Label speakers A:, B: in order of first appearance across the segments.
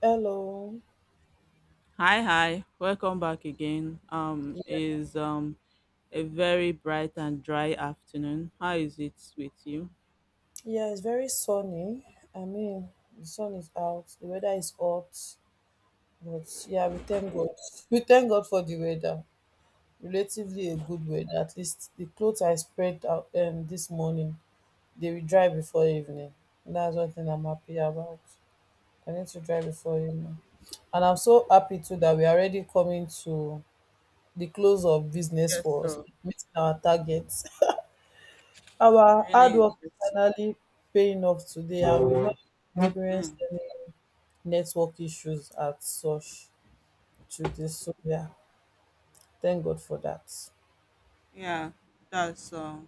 A: Hello.
B: Hi, hi. Welcome back again.
A: Yeah.
B: Is a very bright and dry afternoon. How is it with you?
A: Yeah, it's very sunny. I mean, the sun is out, the weather is hot, but yeah, we thank God. We thank God for the weather. Relatively a good weather. At least the clothes I spread out this morning, they will dry before evening. That's one thing I'm happy about. I need to dry before evening. And I'm so happy too that we're already coming to the close of business
B: Yes,
A: for us,
B: so
A: meeting our targets. Our hard
B: really
A: work is
B: interesting.
A: finally paying off today and we've not experienced
B: Mm,
A: any network issues at such today. So yeah, thank God for that.
B: yeah, that's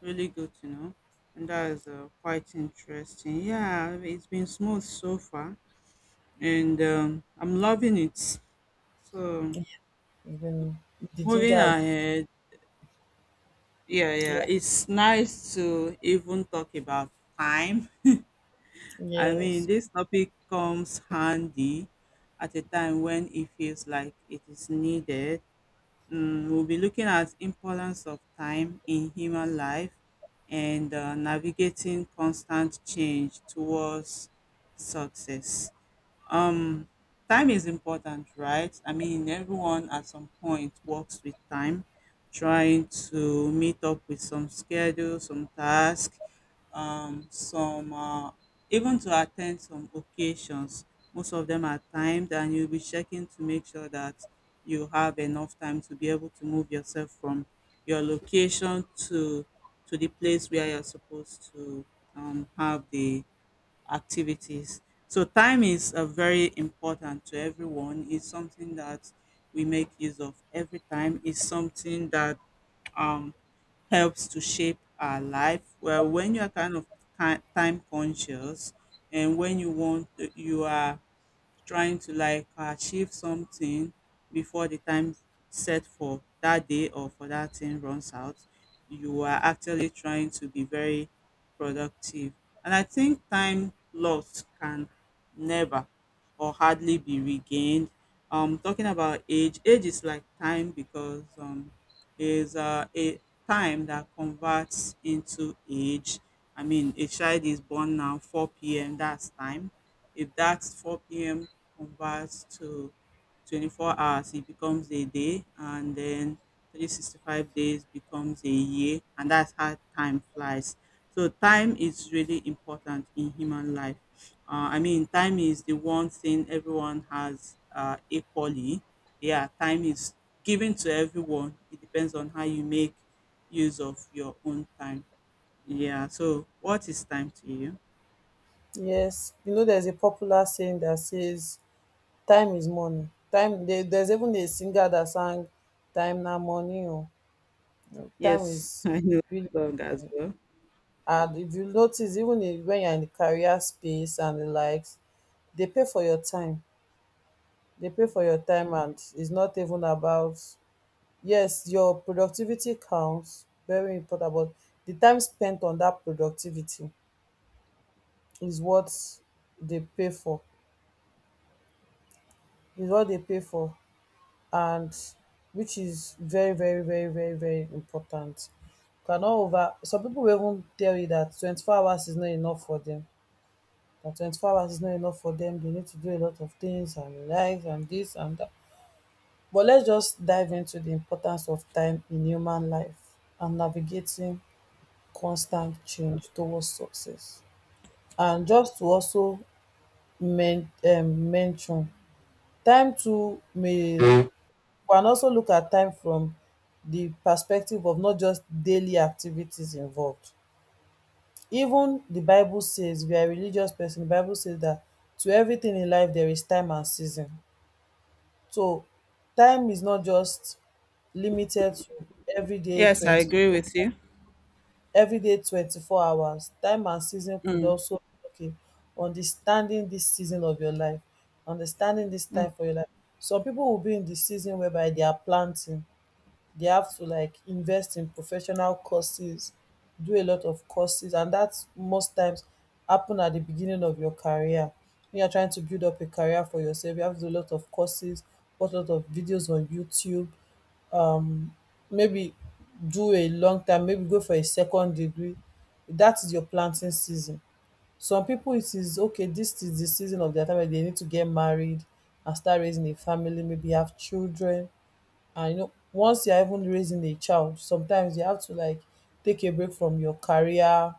B: really good to know, and that is quite interesting. Yeah, it's been smooth so far, and I'm loving it. So
A: Even the ginger
B: moving
A: has-.
B: ahead, yeah,
A: Yeah.
B: yeah, it's nice to even talk about time. I mean,
A: Yes.
B: this topic comes handy at a time when it feels like it is needed. Mm, we'll be looking at importance of time in human life and navigating constant change towards success. Um, time is important, right? I mean, everyone at some point works with time, trying to meet up with some schedule, some task, some even to attend some occasions. Most of them are timed, and you'll be checking to make sure that you have enough time to be able to move yourself from your location to the place where you're supposed to have the activities. So time is very important to everyone. It's something that we make use of every time. It's something that um, helps to shape our life. Well, when you are kind of time conscious and when you want, you are trying to like achieve something before the time set for that day or for that thing runs out. You are actually trying to be very productive. And I think time lost can never or hardly be regained. Talking about age, age is like time because is a time that converts into age. I mean, a child is born now 4 p.m. That's time. If that's 4 p.m converts to 24 hours, it becomes a day, and then 365 days becomes a year, and that's how time flies. So, time is really important in human life. I mean, time is the one thing everyone has equally. Yeah, time is given to everyone. It depends on how you make use of your own time. Yeah, so what is time to you?
A: Yes. You know there's a popular saying that says time is money. Time there, there's even a singer that sang time na money o. Time
B: Yes,
A: is
B: I know
A: really.
B: the song as well.
A: And if you notice even if, when you're in the career space and the likes, they pay for your time. They pay for your time, and it's not even about yes, your productivity counts, very important, but the time spent on that productivity is what they pay for, is what they pay for, and which is very, very, very, very, very important. Cannot over some people will even tell you that 24 hours is not enough for them. That 24 hours is not enough for them, they need to do a lot of things and relax and this and that. But let's just dive into the importance of time in human life and navigating constant change towards success. And just to also mention, time too may can also look at time from the perspective of not just daily activities involved. Even the Bible says, we are a religious person, the Bible says that to everything in life there is time and season. So time is not just limited to everyday
B: Yes, I agree with you.
A: 24 hours. Time and season could
B: Mm,
A: also be, okay, understanding dis season of your life, understanding dis
B: mm,
A: time for your life. Some pipu will be in di season whereby they are planting, they have to like invest in professional courses, do a lot of courses, and that's most times happen at the beginning of your career. When you're trying to build up a career for yourself, you have to do a lot of courses, watch a lot of videos on YouTube, um maybe do a long time, maybe go for a second degree. That is your planting season. Some people, it is okay, this is the season of their time where they need to get married and start raising a family, maybe have children. And you know, once you're even raising a child, sometimes you have to like take a break from your career.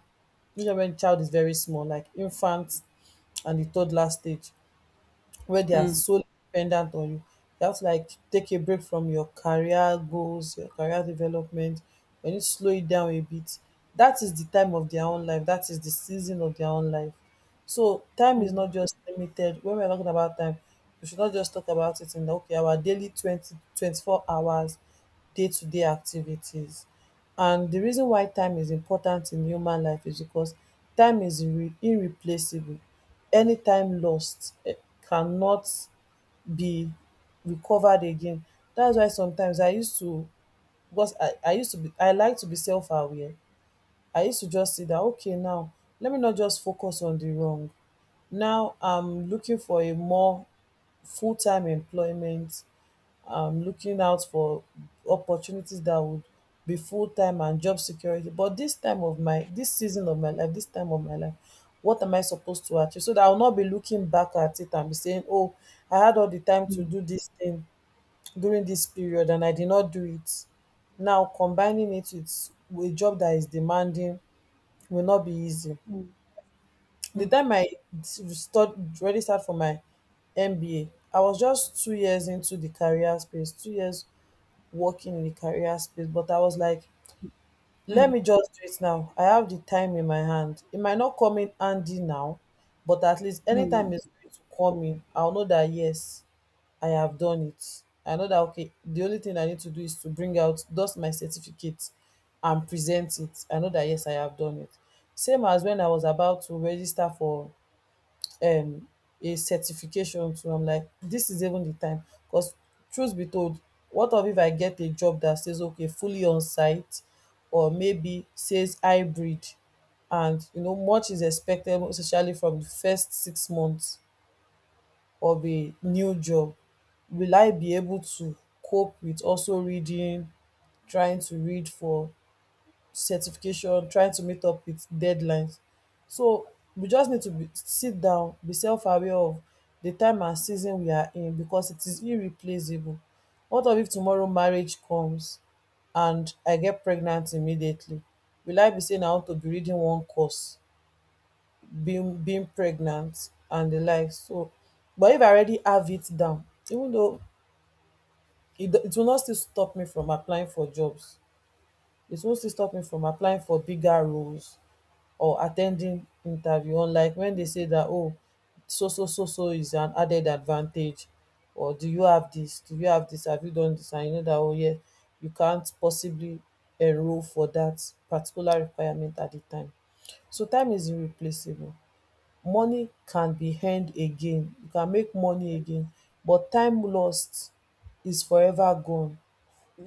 A: You know, when child is very small, like infant and the toddler stage, where they are
B: mm,
A: so dependent on you, you have to like take a break from your career goals, your career development. When you need to slow it down a bit, that is the time of their own life. That is the season of their own life. So time is
B: mm,
A: not just limited. When we're talking about time, we should not just talk about it in the okay, our daily twenty-four hours day-to-day activities. And the reason why time is important in human life is because time is irreplaceable. Any time lost, eh, cannot be recovered again. That's why sometimes I used to, because I used to be, I like to be self-aware. I used to just see that, okay, now let me not just focus on the wrong. Now I'm looking for a more full time employment. I'm looking out for opportunities that would be full time and job security. But this time of my, this season of my life, this time of my life, what am I supposed to achieve? So that I will not be looking back at it and be saying, oh, I had all the time to
B: mm,
A: do this thing during this period and I did not do it. Now combining it with a job that is demanding will not be easy.
B: mm,
A: The
B: mm,
A: time I start really start for my MBA, I was just 2 years into the career space, 2 years working in the career space, but I was like, let
B: mm,
A: me just do it now. I have the time in my hand. It might not come in handy now, but at least anytime
B: mm.
A: it's going to come in, I'll know that yes, I have done it. I know that okay, the only thing I need to do is to bring out dust my certificate and present it. I know that yes, I have done it. Same as when I was about to register for um a certification too. I'm like, this is even the time. Because truth be told, what of if I get a job that says okay, fully on site, or maybe says hybrid, and you know much is expected especially from the first 6 months of a new job? Will I be able to cope with also reading, trying to read for certification, trying to meet up with deadlines? So we just need to be sit down, be self aware of the time and season we are in because it is irreplaceable. What of if tomorrow marriage comes and I get pregnant immediately? Will I be say na I want to be reading one course, being pregnant and the like? So, but if I already have it down, even though it will not still stop me from applying for jobs, it won't still stop me from applying for bigger roles or attending interview. Unlike when they say that oh, so so so so is an added advantage, or do you have this? Do you have this? Have you done this? And you know that oh yeah, you can't possibly enroll for that particular requirement at the time. So time is irreplaceable. Money can be earned again, you can make money again, but time lost is forever gone.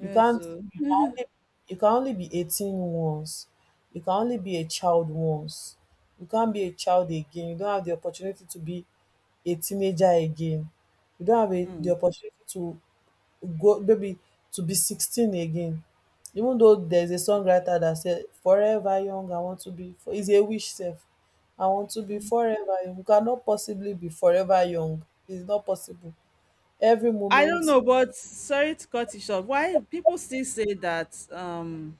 A: You can't.
B: so
A: you can only you can only be 18 once, you can only be a child once, you can't be a child again, you don't have the opportunity to be a teenager again, you don't have a the
B: mm.
A: opportunity to go maybe to be 16 again. Even though there's a songwriter that said forever young, I want to be fo is a wish sef, I want to be forever young. You cannot possibly be forever young. It's not possible. Every
B: I don't
A: moment.
B: know, but sorry to cut it short. Why people still say that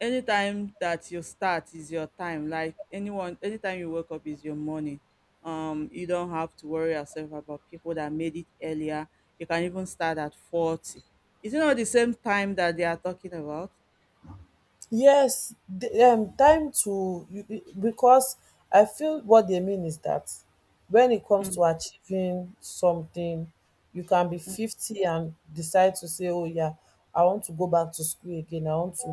B: anytime that you start is your time, like anyone anytime you wake up is your morning. You don't have to worry yourself about people that made it earlier. You can even start at 40. Is it not the same time that they are talking about?
A: Yes. the Time to you, because I feel what they mean is that when it comes
B: Mm,
A: to achieving something, you can be 50 and decide to say, oh yeah, I want to go back to school again. i want to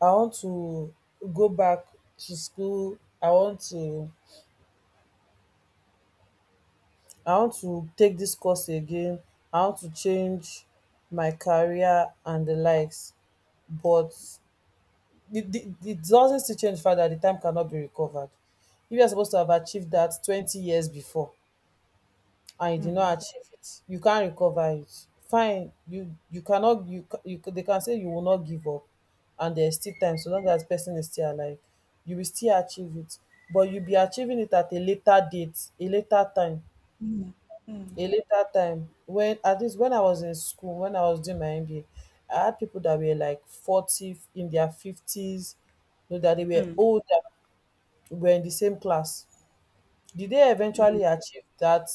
A: I want to go back to school. I want to take this course again. I want to change my career and the likes. But it doesn't still change further. The time cannot be recovered. If you're supposed to have achieved that 20 years before, and you did not
B: mm,
A: achieve it, you can't recover it. Fine, you cannot. They can say you will not give up, and there's still time. So long as person is still alive, you will still achieve it, but you'll be achieving it at a later date, a later time
B: mm,
A: a later time When at least when I was in school, when I was doing my MBA, I had people that were like 40 in their 50s. You know that they were
B: mm,
A: older, were in the same class. Did they
B: mm,
A: eventually achieve that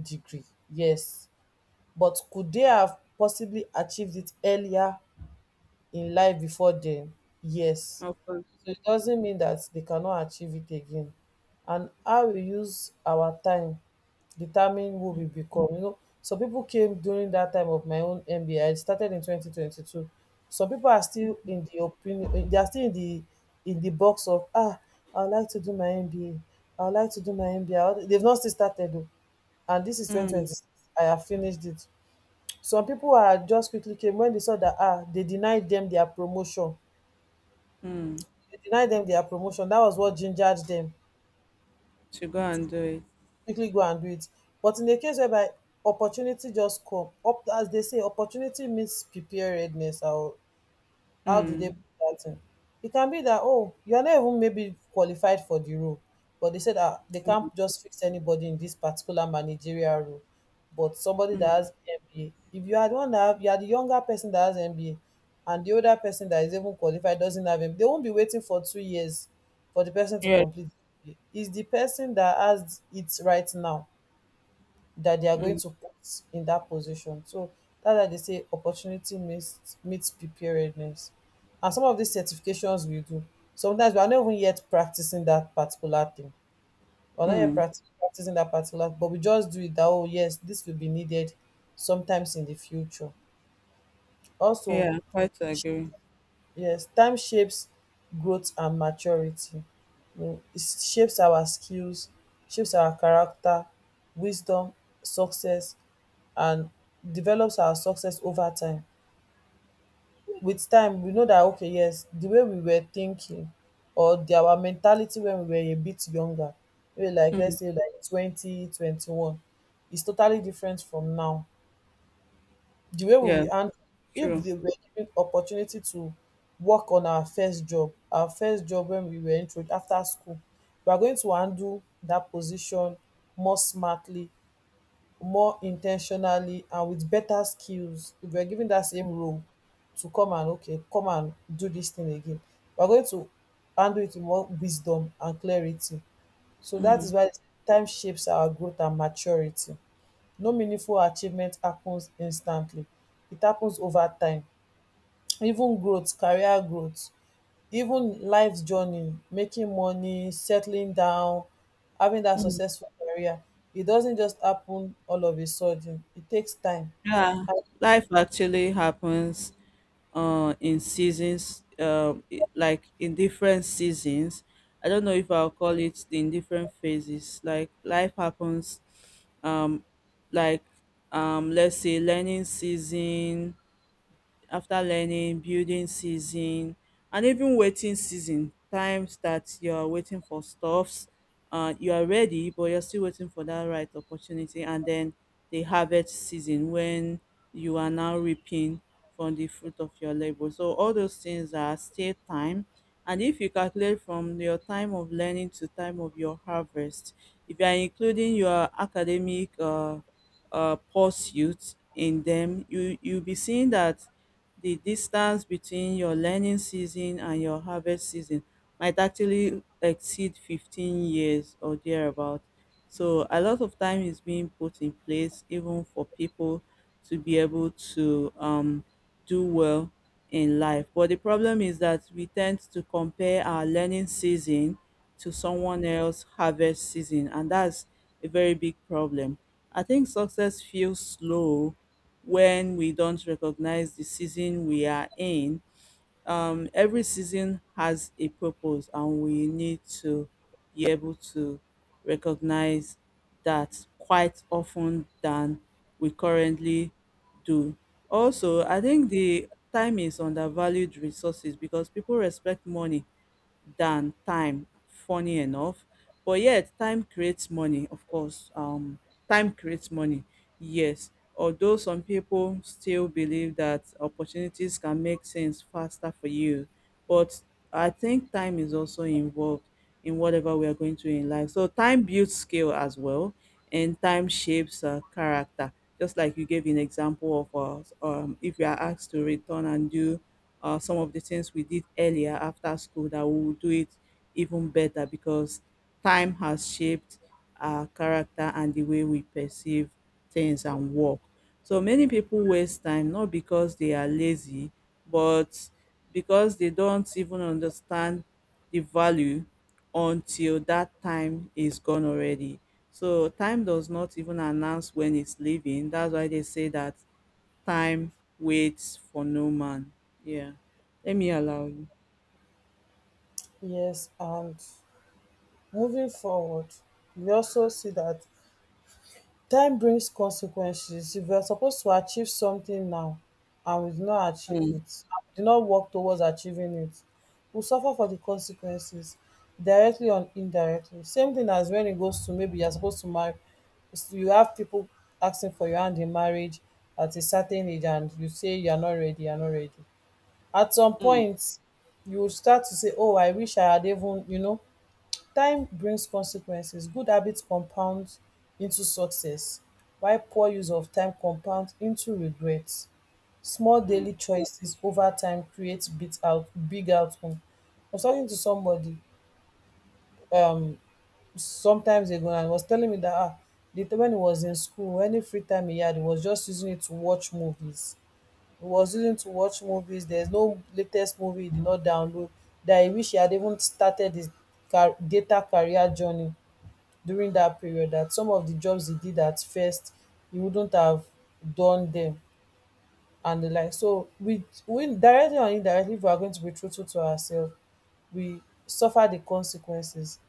A: degree? Yes. But could they have possibly achieved it earlier in life before then? Yes.
B: of course.
A: So it doesn't mean that they cannot achieve it again. And how we use our time determine who we become. You know, some people came during that time of my own MBA. Started in 2022. Some people are still in the opinion, they are still in the box of, ah, I would like to do my MBA. I would like to do my MBA. They've not still started though. And this is
B: Mm,
A: 2026. I have finished it. Some people are just quickly came when they saw that, ah, they denied them their promotion.
B: mm,
A: They denied them their promotion. That was what gingered them
B: to go and do it.
A: quickly go and do it. But in a case whereby opportunity just come up, as they say opportunity means preparedness. How do they
B: Mm,
A: put that in? It can be that, oh, you're not even maybe qualified for the role, but they said that they can't just fix anybody in this particular managerial role. But somebody that
B: mm,
A: has MBA, if you had one that have, you are the younger person that has MBA and the older person that is even qualified doesn't have MBA, they won't be waiting for 2 years for the person to
B: yeah,
A: complete the MBA. It's the person that has it right now that they are going
B: mm,
A: to put in that position. So that's why they say opportunity meets preparedness. And some of these certifications we do, sometimes we are not even yet practicing that particular thing. We're not yet
B: mm,
A: practicing that particular, but we just do it that oh yes, this will be needed sometimes in the future. Also,
B: yeah, quite agree.
A: yes, time shapes growth and maturity. Mm, it shapes our skills, shapes our character, wisdom, success, and develops our success over time. With time, we know that okay, yes, the way we were thinking or the our mentality when we were a bit younger, maybe like let's
B: Mm,
A: say like 2021, is totally different from now the way we
B: yeah,
A: will handle if
B: true.
A: they were given opportunity to work on our first job when we were intro after school, we are going to handle that position more smartly, more intentionally, and with better skills. If we are given that same role to come and okay, come and do this thing again, we are going to handle it with more wisdom and clarity. So that
B: Mm,
A: is why time shapes our growth and maturity. No meaningful achievement happens instantly, it happens over time, even growth, career growth, even life journey, making money, settling down, having that successful career, it doesn't just happen all of a sudden, it takes time.
B: yeah,
A: And
B: life actually happens in seasons, like in different seasons. I don't know if I'll call it the in different phases. Like life happens, um, like let's say learning season, after learning, building season and even waiting season, times that you are waiting for stuffs, you are ready, but you're still waiting for that right opportunity. And then the harvest season when you are now reaping from the fruit of your labor. So all those things are still time. And if you calculate from your time of learning to time of your harvest, if you are including your academic pursuits in them, you'll be seeing that the distance between your learning season and your harvest season might actually exceed 15 years or thereabout. So a lot of time is being put in place even for people to be able to do well in life. But the problem is that we tend to compare our learning season to someone else's harvest season and that's a very big problem. I think success feels slow when we don't recognize the season we are in. Every season has a purpose, and we need to be able to recognize that quite often than we currently do. Also, I think the time is undervalued resources because people respect money than time, funny enough. But yet, time creates money, of course. Time creates money, yes. Although some people still believe that opportunities can make sense faster for you, but I think time is also involved in whatever we are going to in life. So time builds skill as well, and time shapes character. Just like you gave an example of, if you are asked to return and do some of the things we did earlier after school that we will do it even better because time has shaped our character and the way we perceive things and work. So many people waste time not because they are lazy, but because they don't even understand the value until that time is gone already. So time does not even announce when it's leaving. That's why they say that time waits for no man. Yeah. Let me allow you.
A: yes, and moving forward, we also see that time brings consequences. If you are supposed to achieve something now and we do not achieve
B: Mm,
A: it, do not work towards achieving it, we suffer for the consequences directly or indirectly. Same thing as when it goes to maybe you are supposed to marry, you have people asking for your hand in marriage at a certain age and you say you are not ready, you are not ready. At some
B: mm,
A: point, you will start to say, oh, I wish I had even, you know, time brings consequences. Good habits compound into success, while poor use of time compounds into regret. Small
B: mm,
A: daily choices over time create big outcome. I was talking to somebody sometimes ago and he was telling me that ah, the time when he was in school, any free time he had, he was just using it to watch movies. He was using to watch movies. There's no latest movie he did not download. That I wish he had even started his data career journey during that period that some of the jobs he did at first he wouldn't have done them and the like. So we directly or indirectly, if we are going to be truthful to ourselves, we suffer the consequences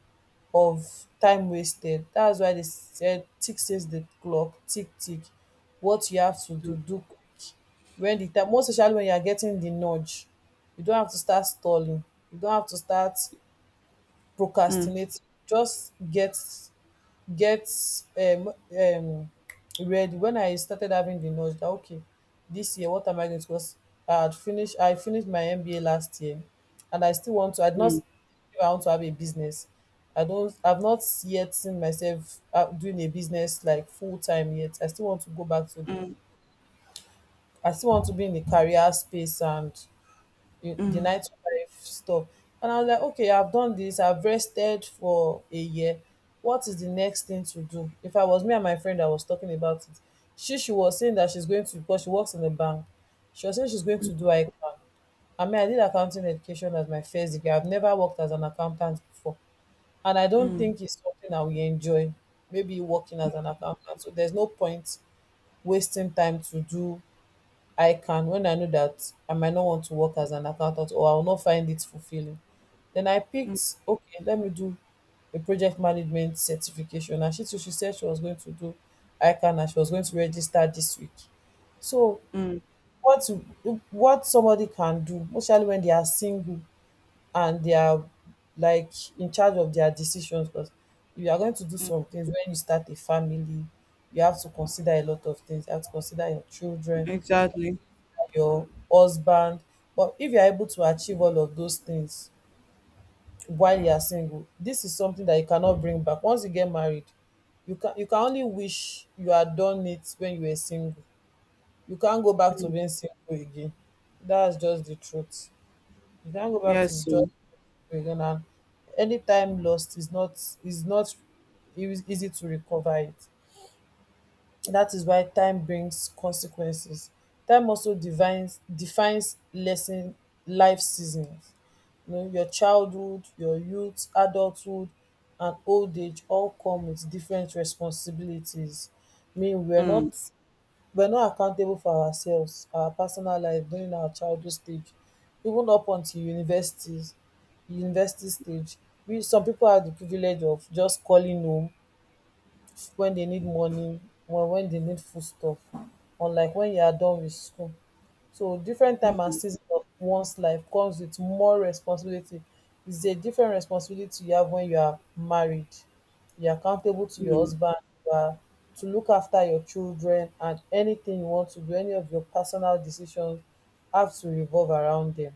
A: of time wasted. That's why they said tick says the clock, tick tick. What you have to do, do quick. When the time, most especially when you are getting the nudge, you don't have to start stalling, you don't have to start
B: mm,
A: procrastinating. Just get um um ready. When I started having the knowledge that okay, this year what am I going to, because I finished my MBA last year and I still want to, I did not,
B: mm,
A: if I want to have a business. I don't, I've not yet seen myself doing a business like full time yet. I still want to go back to the,
B: mm,
A: I still want to be in the career space and the nine to five stuff. And I was like, okay, I've done this, I've rested for a year. What is the next thing to do? If I was me and my friend that was talking about it, she was saying that she's going to, because she works in a bank. She was saying she's going to do ICANN. I mean, I did accounting education as my first degree. I've never worked as an accountant before. And I don't
B: mm,
A: think it's something that we enjoy, maybe working as an accountant. So there's no point wasting time to do I can when I know that I might not want to work as an accountant or I will not find it fulfilling. Then I
B: mm,
A: picked, okay, let me do a project management certification. And she too, she said she was going to do ICANN and she was going to register this week. So
B: mm.
A: what what somebody can do, especially when they are single and they are like in charge of their decisions, because if you are going to do some things when you start a family, you have to consider a lot of things. You have to consider your children,
B: Exactly.
A: your husband. But if you're able to achieve all of those things while you are single, this is something that you cannot bring back. Once you get married, you can only wish you had done it when you were single. You can't go back to being single again. That's just the truth. You can't go back to
B: Yes,
A: just
B: so.
A: single again, and any time lost is not, is not easy to recover it. That is why time brings consequences. Time also defines defines lesson life seasons. You know, your childhood, your youth, adulthood, and old age all come with different responsibilities. I mean, we're not
B: Mm,
A: we're not accountable for ourselves, our personal life during our childhood stage, even up until university stage. We, some people have the privilege of just calling home when they need money or when they need foodstuff, unlike when you are done with school. So different time and season of one's life comes with more responsibility. It's a different responsibility you have when you are married. You are accountable to your
B: mm.
A: husband, you are to look after your children, and anything you want to do, any of your personal decisions have to revolve around them.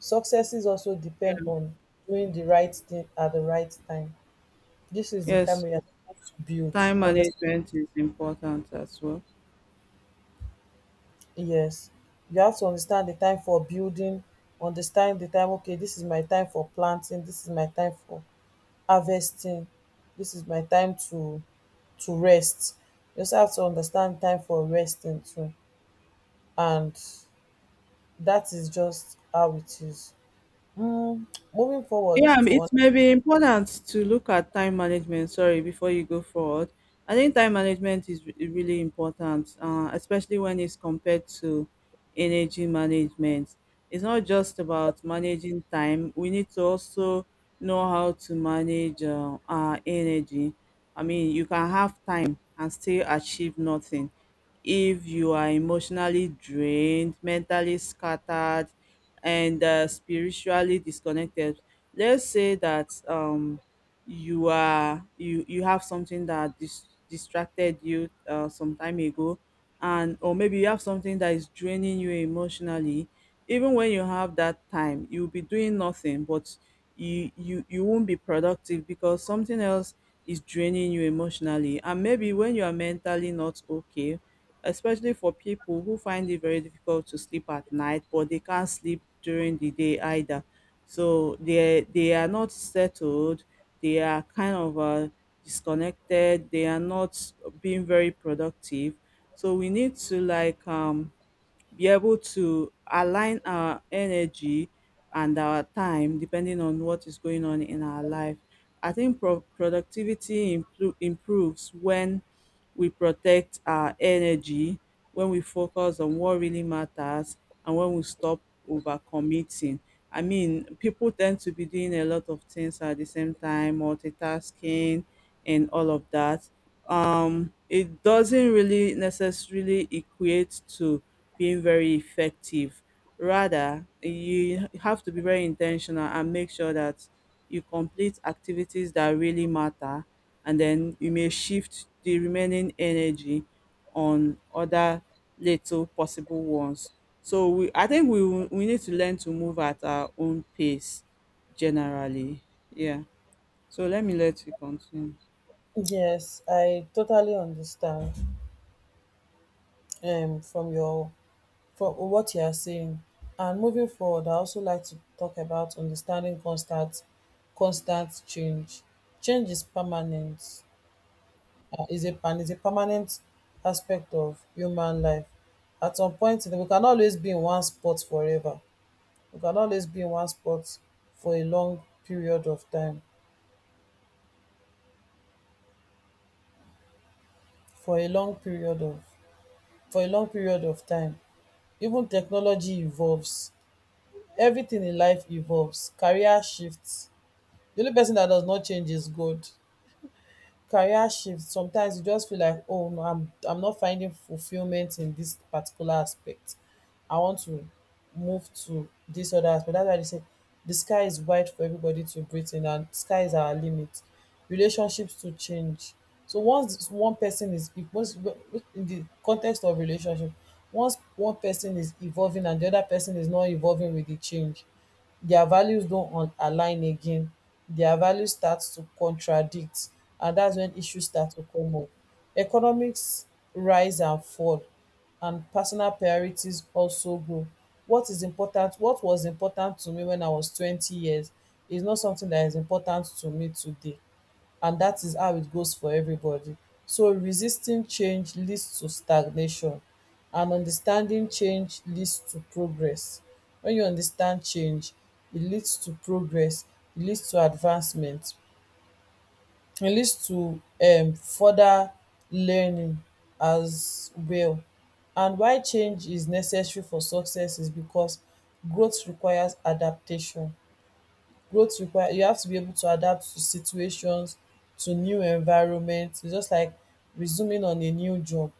A: Successes also depend
B: Yeah.
A: on doing the right thing at the right time. This is the time
B: Yes,
A: we
B: so.
A: are supposed to build.
B: Time
A: Understand,
B: management is important as well.
A: yes, you have to understand the time for building, understand the time, okay, this is my time for planting, this is my time for harvesting, this is my time to rest. You also have to understand time for resting too. And that is just how it is. Mm, moving forward
B: Yeah,
A: to
B: it may be important to look at time management. Sorry, before you go forward, I think time management is really important, especially when it's compared to energy management. It's not just about managing time. We need to also know how to manage our energy. I mean, you can have time and still achieve nothing if you are emotionally drained, mentally scattered, and spiritually disconnected. Let's say that you are you you have something that distracted you some time ago, and or maybe you have something that is draining you emotionally. Even when you have that time you'll be doing nothing, but you won't be productive because something else is draining you emotionally. And maybe when you are mentally not okay, especially for people who find it very difficult to sleep at night but they can't sleep during the day either, so they are not settled. They are kind of disconnected. They are not being very productive. So we need to like be able to align our energy and our time depending on what is going on in our life. I think productivity improves when we protect our energy, when we focus on what really matters, and when we stop overcommitting. I mean, people tend to be doing a lot of things at the same time, multitasking and all of that. It doesn't really necessarily equate to being very effective. Rather, you have to be very intentional and make sure that you complete activities that really matter, and then you may shift the remaining energy on other little possible ones. So I think we need to learn to move at our own pace, generally. Yeah. So let me let you continue.
A: yes, I totally understand from your, for what you are saying. And moving forward, I also like to talk about understanding constant change. Change is permanent, is a permanent aspect of human life. At some point, we can always be in one spot forever. We can always be in one spot for a long period of time. For a long period of for a long period of time. Even technology evolves. Everything in life evolves. Career shifts. The only person that does not change is God. Career shift, sometimes you just feel like, oh no, I'm not finding fulfillment in this particular aspect. I want to move to this other aspect. That's why they say the sky is wide for everybody to breathe in, and sky is our limit. Relationships to change. So once one person is, once in the context of relationship, once one person is evolving and the other person is not evolving with the change, their values don't align again, their values start to contradict, and that's when issues start to come up. Economics rise and fall, and personal priorities also grow. What is important, what was important to me when I was 20 years is not something that is important to me today, and that is how it goes for everybody. So resisting change leads to stagnation and understanding change leads to progress. When you understand change, it leads to progress, it leads to advancement, it leads to further learning as well. And why change is necessary for success is because growth requires adaptation. Growth require, you have to be able to adapt to situations, to new environment. It's just like resuming on a new job,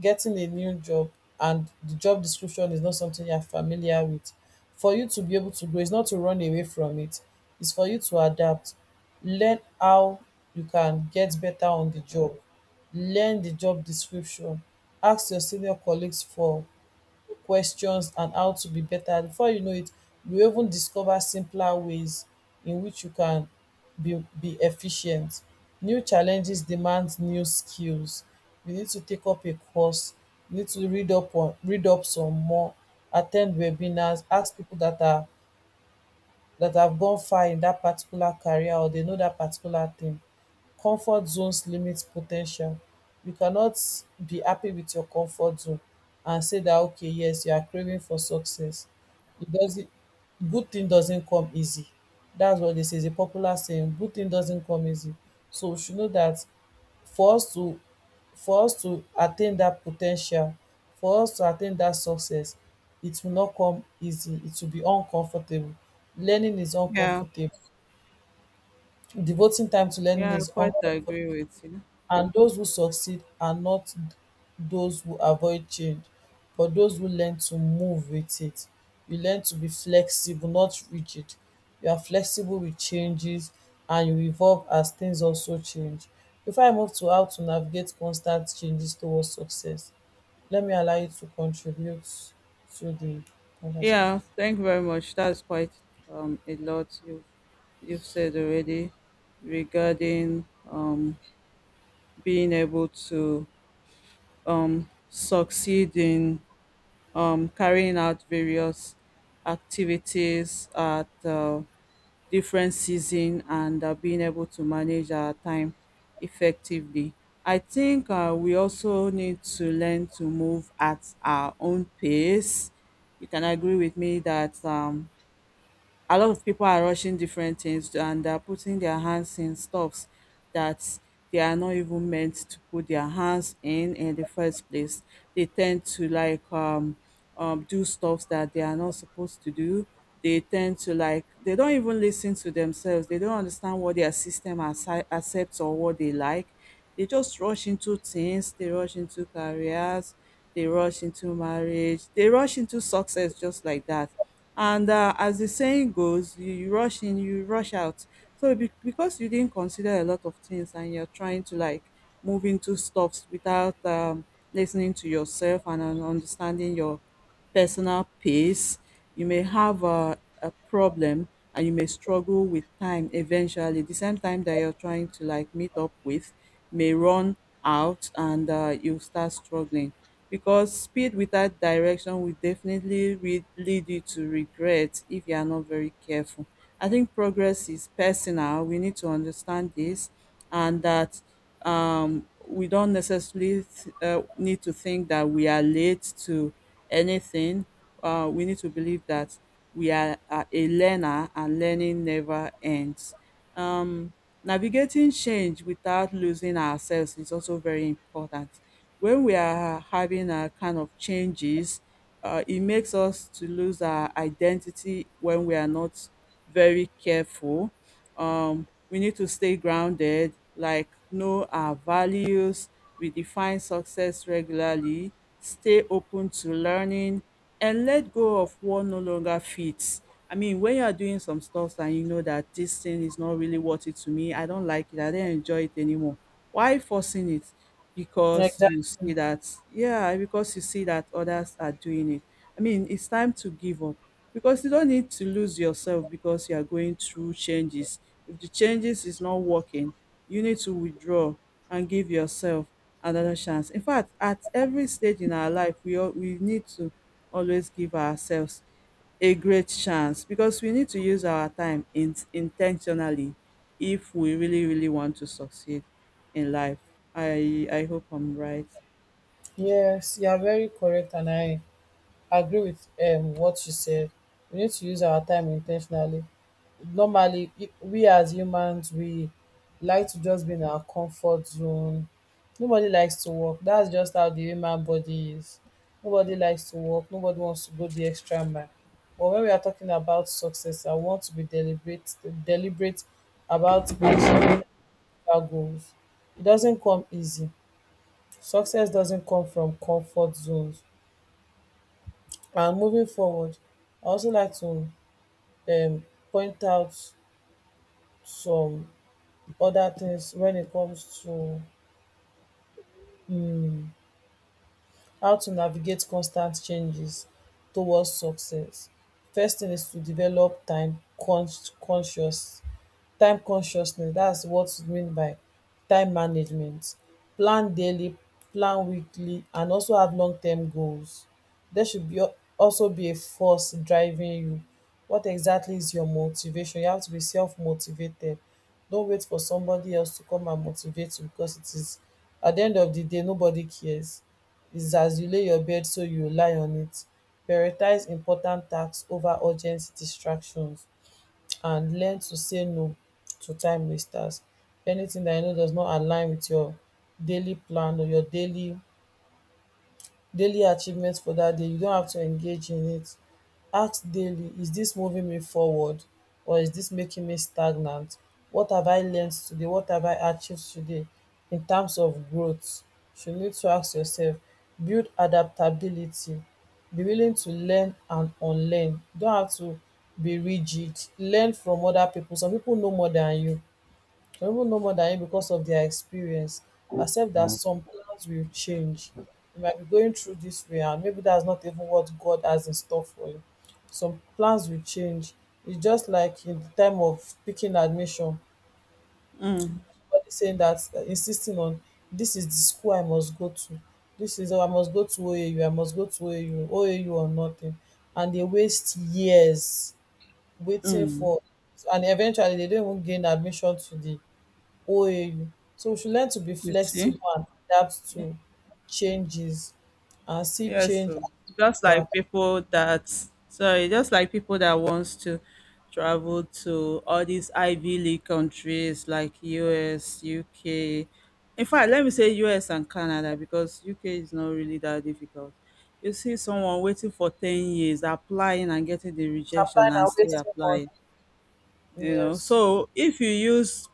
A: getting a new job, and the job description is not something you are familiar with. For you to be able to grow, it's not to run away from it, it's for you to adapt, learn how you can get better on the job, learn the job description, ask your senior colleagues for questions and how to be better. Before you know it, you even discover simpler ways in which you can be efficient. New challenges demand new skills. You need to take up a course, you need to read up some more, attend webinars, ask people that are that have gone far in that particular career or they know that particular thing. Comfort zones limit potential. You cannot be happy with your comfort zone and say that okay, yes, you are craving for success. It doesn't, good thing doesn't come easy. That's what, this is a popular saying. Good thing doesn't come easy. So you should know that for us to for us to attain dat po ten tial, for us to attain dat success, it will not come easy. It will be uncomfortable. Learning is
B: Yeah.
A: uncomfortable. Devoting time to learning
B: Yeah. I
A: is
B: quite
A: uncomfortable.
B: agree with you.
A: And those who succeed are not those who avoid change, but those who learn to move with it. You learn to be flexible, not rigid. You are flexible with changes and you evolve as things also change. If I move to how to navigate constant changes towards success, let me allow you to contribute to the conversation.
B: Yeah, thank you very much. That's quite a lot you've said already regarding being able to succeed in carrying out various activities at different season and being able to manage our time effectively. I think we also need to learn to move at our own pace. You can agree with me that. A lot of people are rushing different things and they're putting their hands in stuffs that they are not even meant to put their hands in the first place. They tend to like do stuff that they are not supposed to do. They tend to like, they don't even listen to themselves. They don't understand what their system accepts or what they like. They just rush into things, they rush into careers, they rush into marriage, they rush into success just like that and as the saying goes, you rush in, you rush out. So because you didn't consider a lot of things and you're trying to like move into stuffs without listening to yourself and understanding your personal pace, you may have a problem and you may struggle with time eventually. The same time that you're trying to like meet up with may run out and you start struggling because speed without direction will definitely lead you to regret if you are not very careful. I think progress is personal. We need to understand this and that we don't necessarily need to think that we are late to anything. We need to believe that we are a learner and learning never ends. Um, navigating change without losing ourselves is also very important. When we are having a kind of changes, it makes us to lose our identity when we are not very careful. We need to stay grounded, like know our values, redefine success regularly, stay open to learning, and let go of what no longer fits. I mean, when you are doing some stuff and you know that this thing is not really worth it to me, I don't like it, I don't enjoy it anymore. Why forcing it? Because you
A: Exactly.
B: see that, yeah, because you see that others are doing it. I mean, it's time to give up because you don't need to lose yourself because you are going through changes. If the changes is not working, you need to withdraw and give yourself another chance. In fact, at every stage in our life, we need to always give ourselves a great chance because we need to use our time intentionally if we really really want to succeed in life. I hope I'm right.
A: Yes, you are very correct, and I agree with what you said. We need to use our time intentionally. Normally, we as humans, we like to just be in our comfort zone. Nobody likes to work. That's just how the human body is. Nobody likes to work. Nobody wants to go the extra mile. But when we are talking about success, I want to be deliberate about achieving our goals. It doesn't come easy. Success doesn't come from comfort zones. And moving forward, I also like to um, point out some other things when it comes to um, how to navigate constant changes towards success. First thing is to develop conscious time consciousness. That's what it mean by time management. Plan daily, plan weekly, and also have long term goals. There should be also be a force driving you. What exactly is your motivation? You have to be self motivated. Don't wait for somebody else to come and motivate you, because it is at the end of the day nobody cares. It's as you lay your bed so you lie on it. Prioritize important tasks over urgent distractions, and learn to say no to time wasters. Anything that you know does not align with your daily plan or your daily achievements for that day, you don't have to engage in it. Ask daily, is this moving me forward, or is this making me stagnant? What have I learned today? What have I achieved today in terms of growth? You need to ask yourself. Build adaptability. Be willing to learn and unlearn. You don't have to be rigid. Learn from other people. Some people know more than you, or even know more than you because of their experience. Accept that some plans will change. You might be going through this way, and maybe that's not even what God has in store for you. Some plans will change. It's just like in the time of picking admission,
B: Mm,
A: but saying that insisting on, this is the school I must go to. This is, oh, I must go to OAU. Must go to OAU, or nothing, and they waste years waiting
B: mm.
A: for, and eventually they don't even gain admission to the OAU. So we should learn to be
B: You
A: flexible
B: see?
A: and adapt to changes, and see
B: Yes,
A: change
B: so
A: as
B: just
A: feedback.
B: like people that just like people that wants to travel to all these Ivy League countries like US, UK. In fact, let me say US and Canada because UK is not really that difficult. You see someone waiting for 10 years, applying and getting the rejection
A: Applying
B: and
A: and
B: still
A: wasting money.
B: applying. You know,
A: Yes.
B: so if you use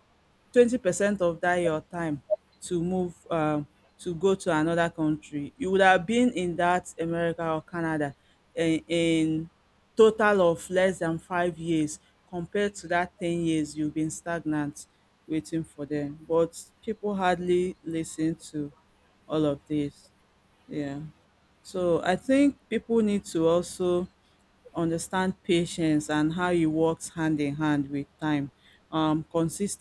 B: 20% of that your time to move to go to another country, you would have been in that America or Canada in total of less than 5 years compared to that 10 years you've been stagnant waiting for them. But people hardly listen to all of this. Yeah, so I think people need to also understand patience and how it works hand in hand with time, consis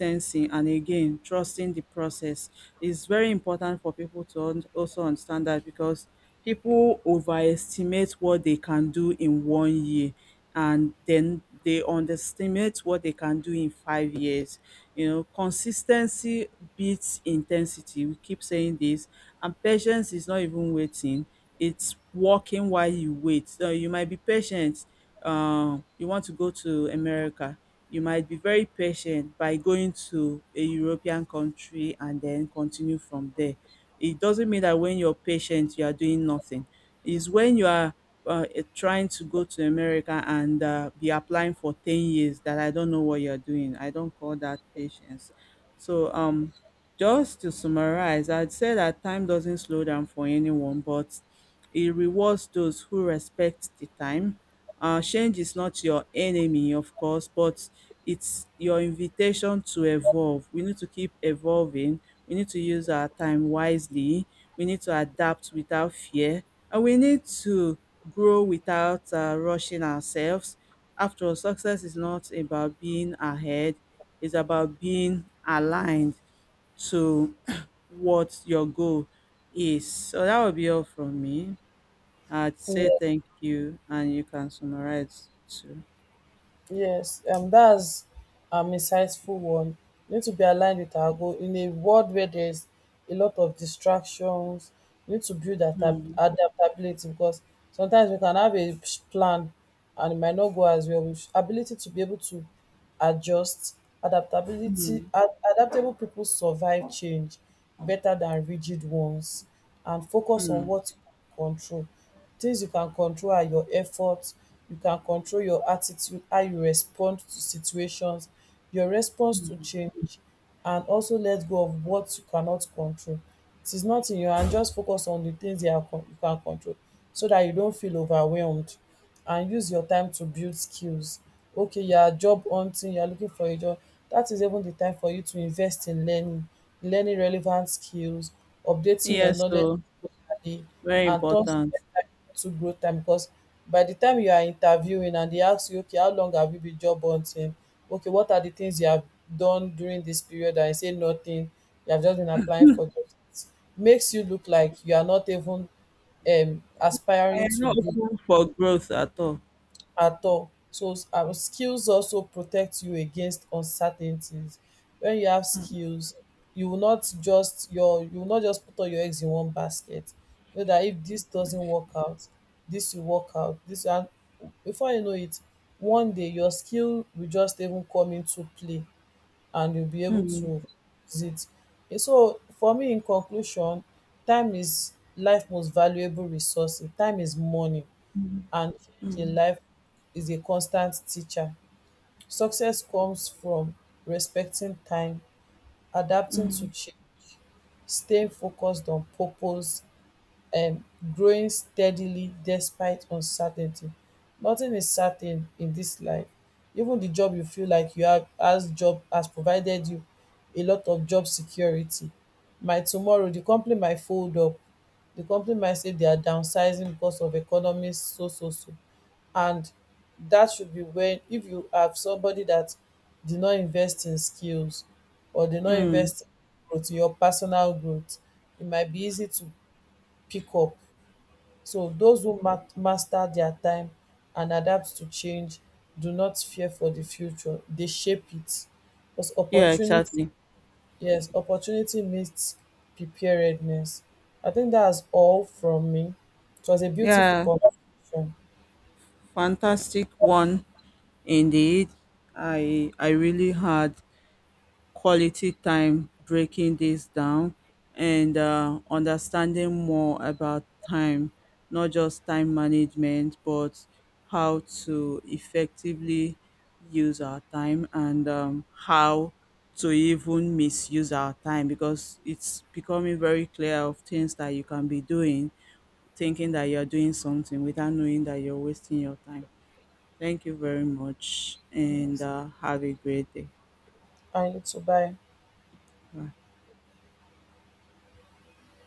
B: and again, trusting the process is very important for people to also understand that, because people overestimate what they can do in one year and then they underestimate what they can do in 5 years. You know, consistency beats intensity. We keep saying this. And patience is not even waiting, it's walking while you wait. So you might be patient. You want to go to America, you might be very patient by going to a European country and then continue from there. It doesn't mean that when you're patient, you are doing nothing. It's when you are trying to go to America and be applying for 10 years that I don't know what you're doing. I don't call that patience. So, just to summarize, I'd say that time doesn't slow down for anyone, but it rewards those who respect the time. Change is not your enemy, of course, but it's your invitation to evolve. We need to keep evolving. We need to use our time wisely. We need to adapt without fear. And we need to grow without rushing ourselves. After all, success is not about being ahead, it's about being aligned to what your goal is. So that would be all from me. I'd say
A: Yes.
B: thank you, and you can summarize too.
A: Yes, that's insightful one. We need to be aligned with our goal in a world where there's a lot of distractions. We need to build
B: Hmm.
A: adaptability, because sometimes we can have a plan and it might not go as well. With ability to be able to adjust, adaptability,
B: Hmm.
A: adaptable people survive change better than rigid ones. And focus on
B: Hmm.
A: what you can control. Things you can control are your effort. You can control your attitude, how you respond to situations, your response to change, and also let go of what you cannot control. It is not in your hand. Just focus on the things you can control, so that you don't feel overwhelmed. And use your time to build skills. Okay, you are job hunting, you are looking for a job. That is even the time for you to invest in learning, learning relevant skills, updating your
B: Yes,
A: knowledge
B: so
A: regularly,
B: very
A: and turn
B: important.
A: to growth time. Because by the time you are interviewing and they ask you, okay, how long have you been job hunting? Okay, what are the things you have done during this period? And you say nothing. You have just been applying for jobs. It makes you look like you are not even
B: I
A: aspiring
B: am
A: to
B: not
A: grow
B: open for growth at all.
A: at all. So skills also protect you against uncertainties. When you have skills, you will not just you will not just put all your eggs in one basket. You know that if this doesn't work out, this will work out. This and Before you know it, one day your skill will just even come into play and you'll be able
B: Mm,
A: to use it. And so for me in conclusion, time is life most valuable resource. Time is money,
B: mm,
A: and change
B: mm,
A: in life is a constant teacher. Success comes from respecting time, adapting to
B: mm,
A: change, staying focused on purpose, um growing steadily despite uncertainty. Nothing is certain in this life. Even the job you feel like you have as job has provided you a lot of job security. My tomorrow the company might fold up. The company might say they are downsizing because of economy so so so. And that should be when, if you have somebody that did not invest in skills or did not
B: mm.
A: invest in growth, your personal growth, it might be easy to pick up. So those who master their time and adapt to change do not fear for the future. They shape it. Plus
B: Yeah,
A: opportunity.
B: exactly.
A: Yes, opportunity meets preparedness. I think that's all from me. It was a beautiful
B: Yeah,
A: conversation.
B: fantastic one indeed. I really had quality time, breaking this down and understanding more about time, not just time management, but how to effectively use our time and how to even misuse our time because it's becoming very clear of things that you can be doing, thinking that you're doing something without knowing that you're wasting your time. Thank you very much and
A: Yes,
B: have a great day.
A: I need to buy.
B: Bye.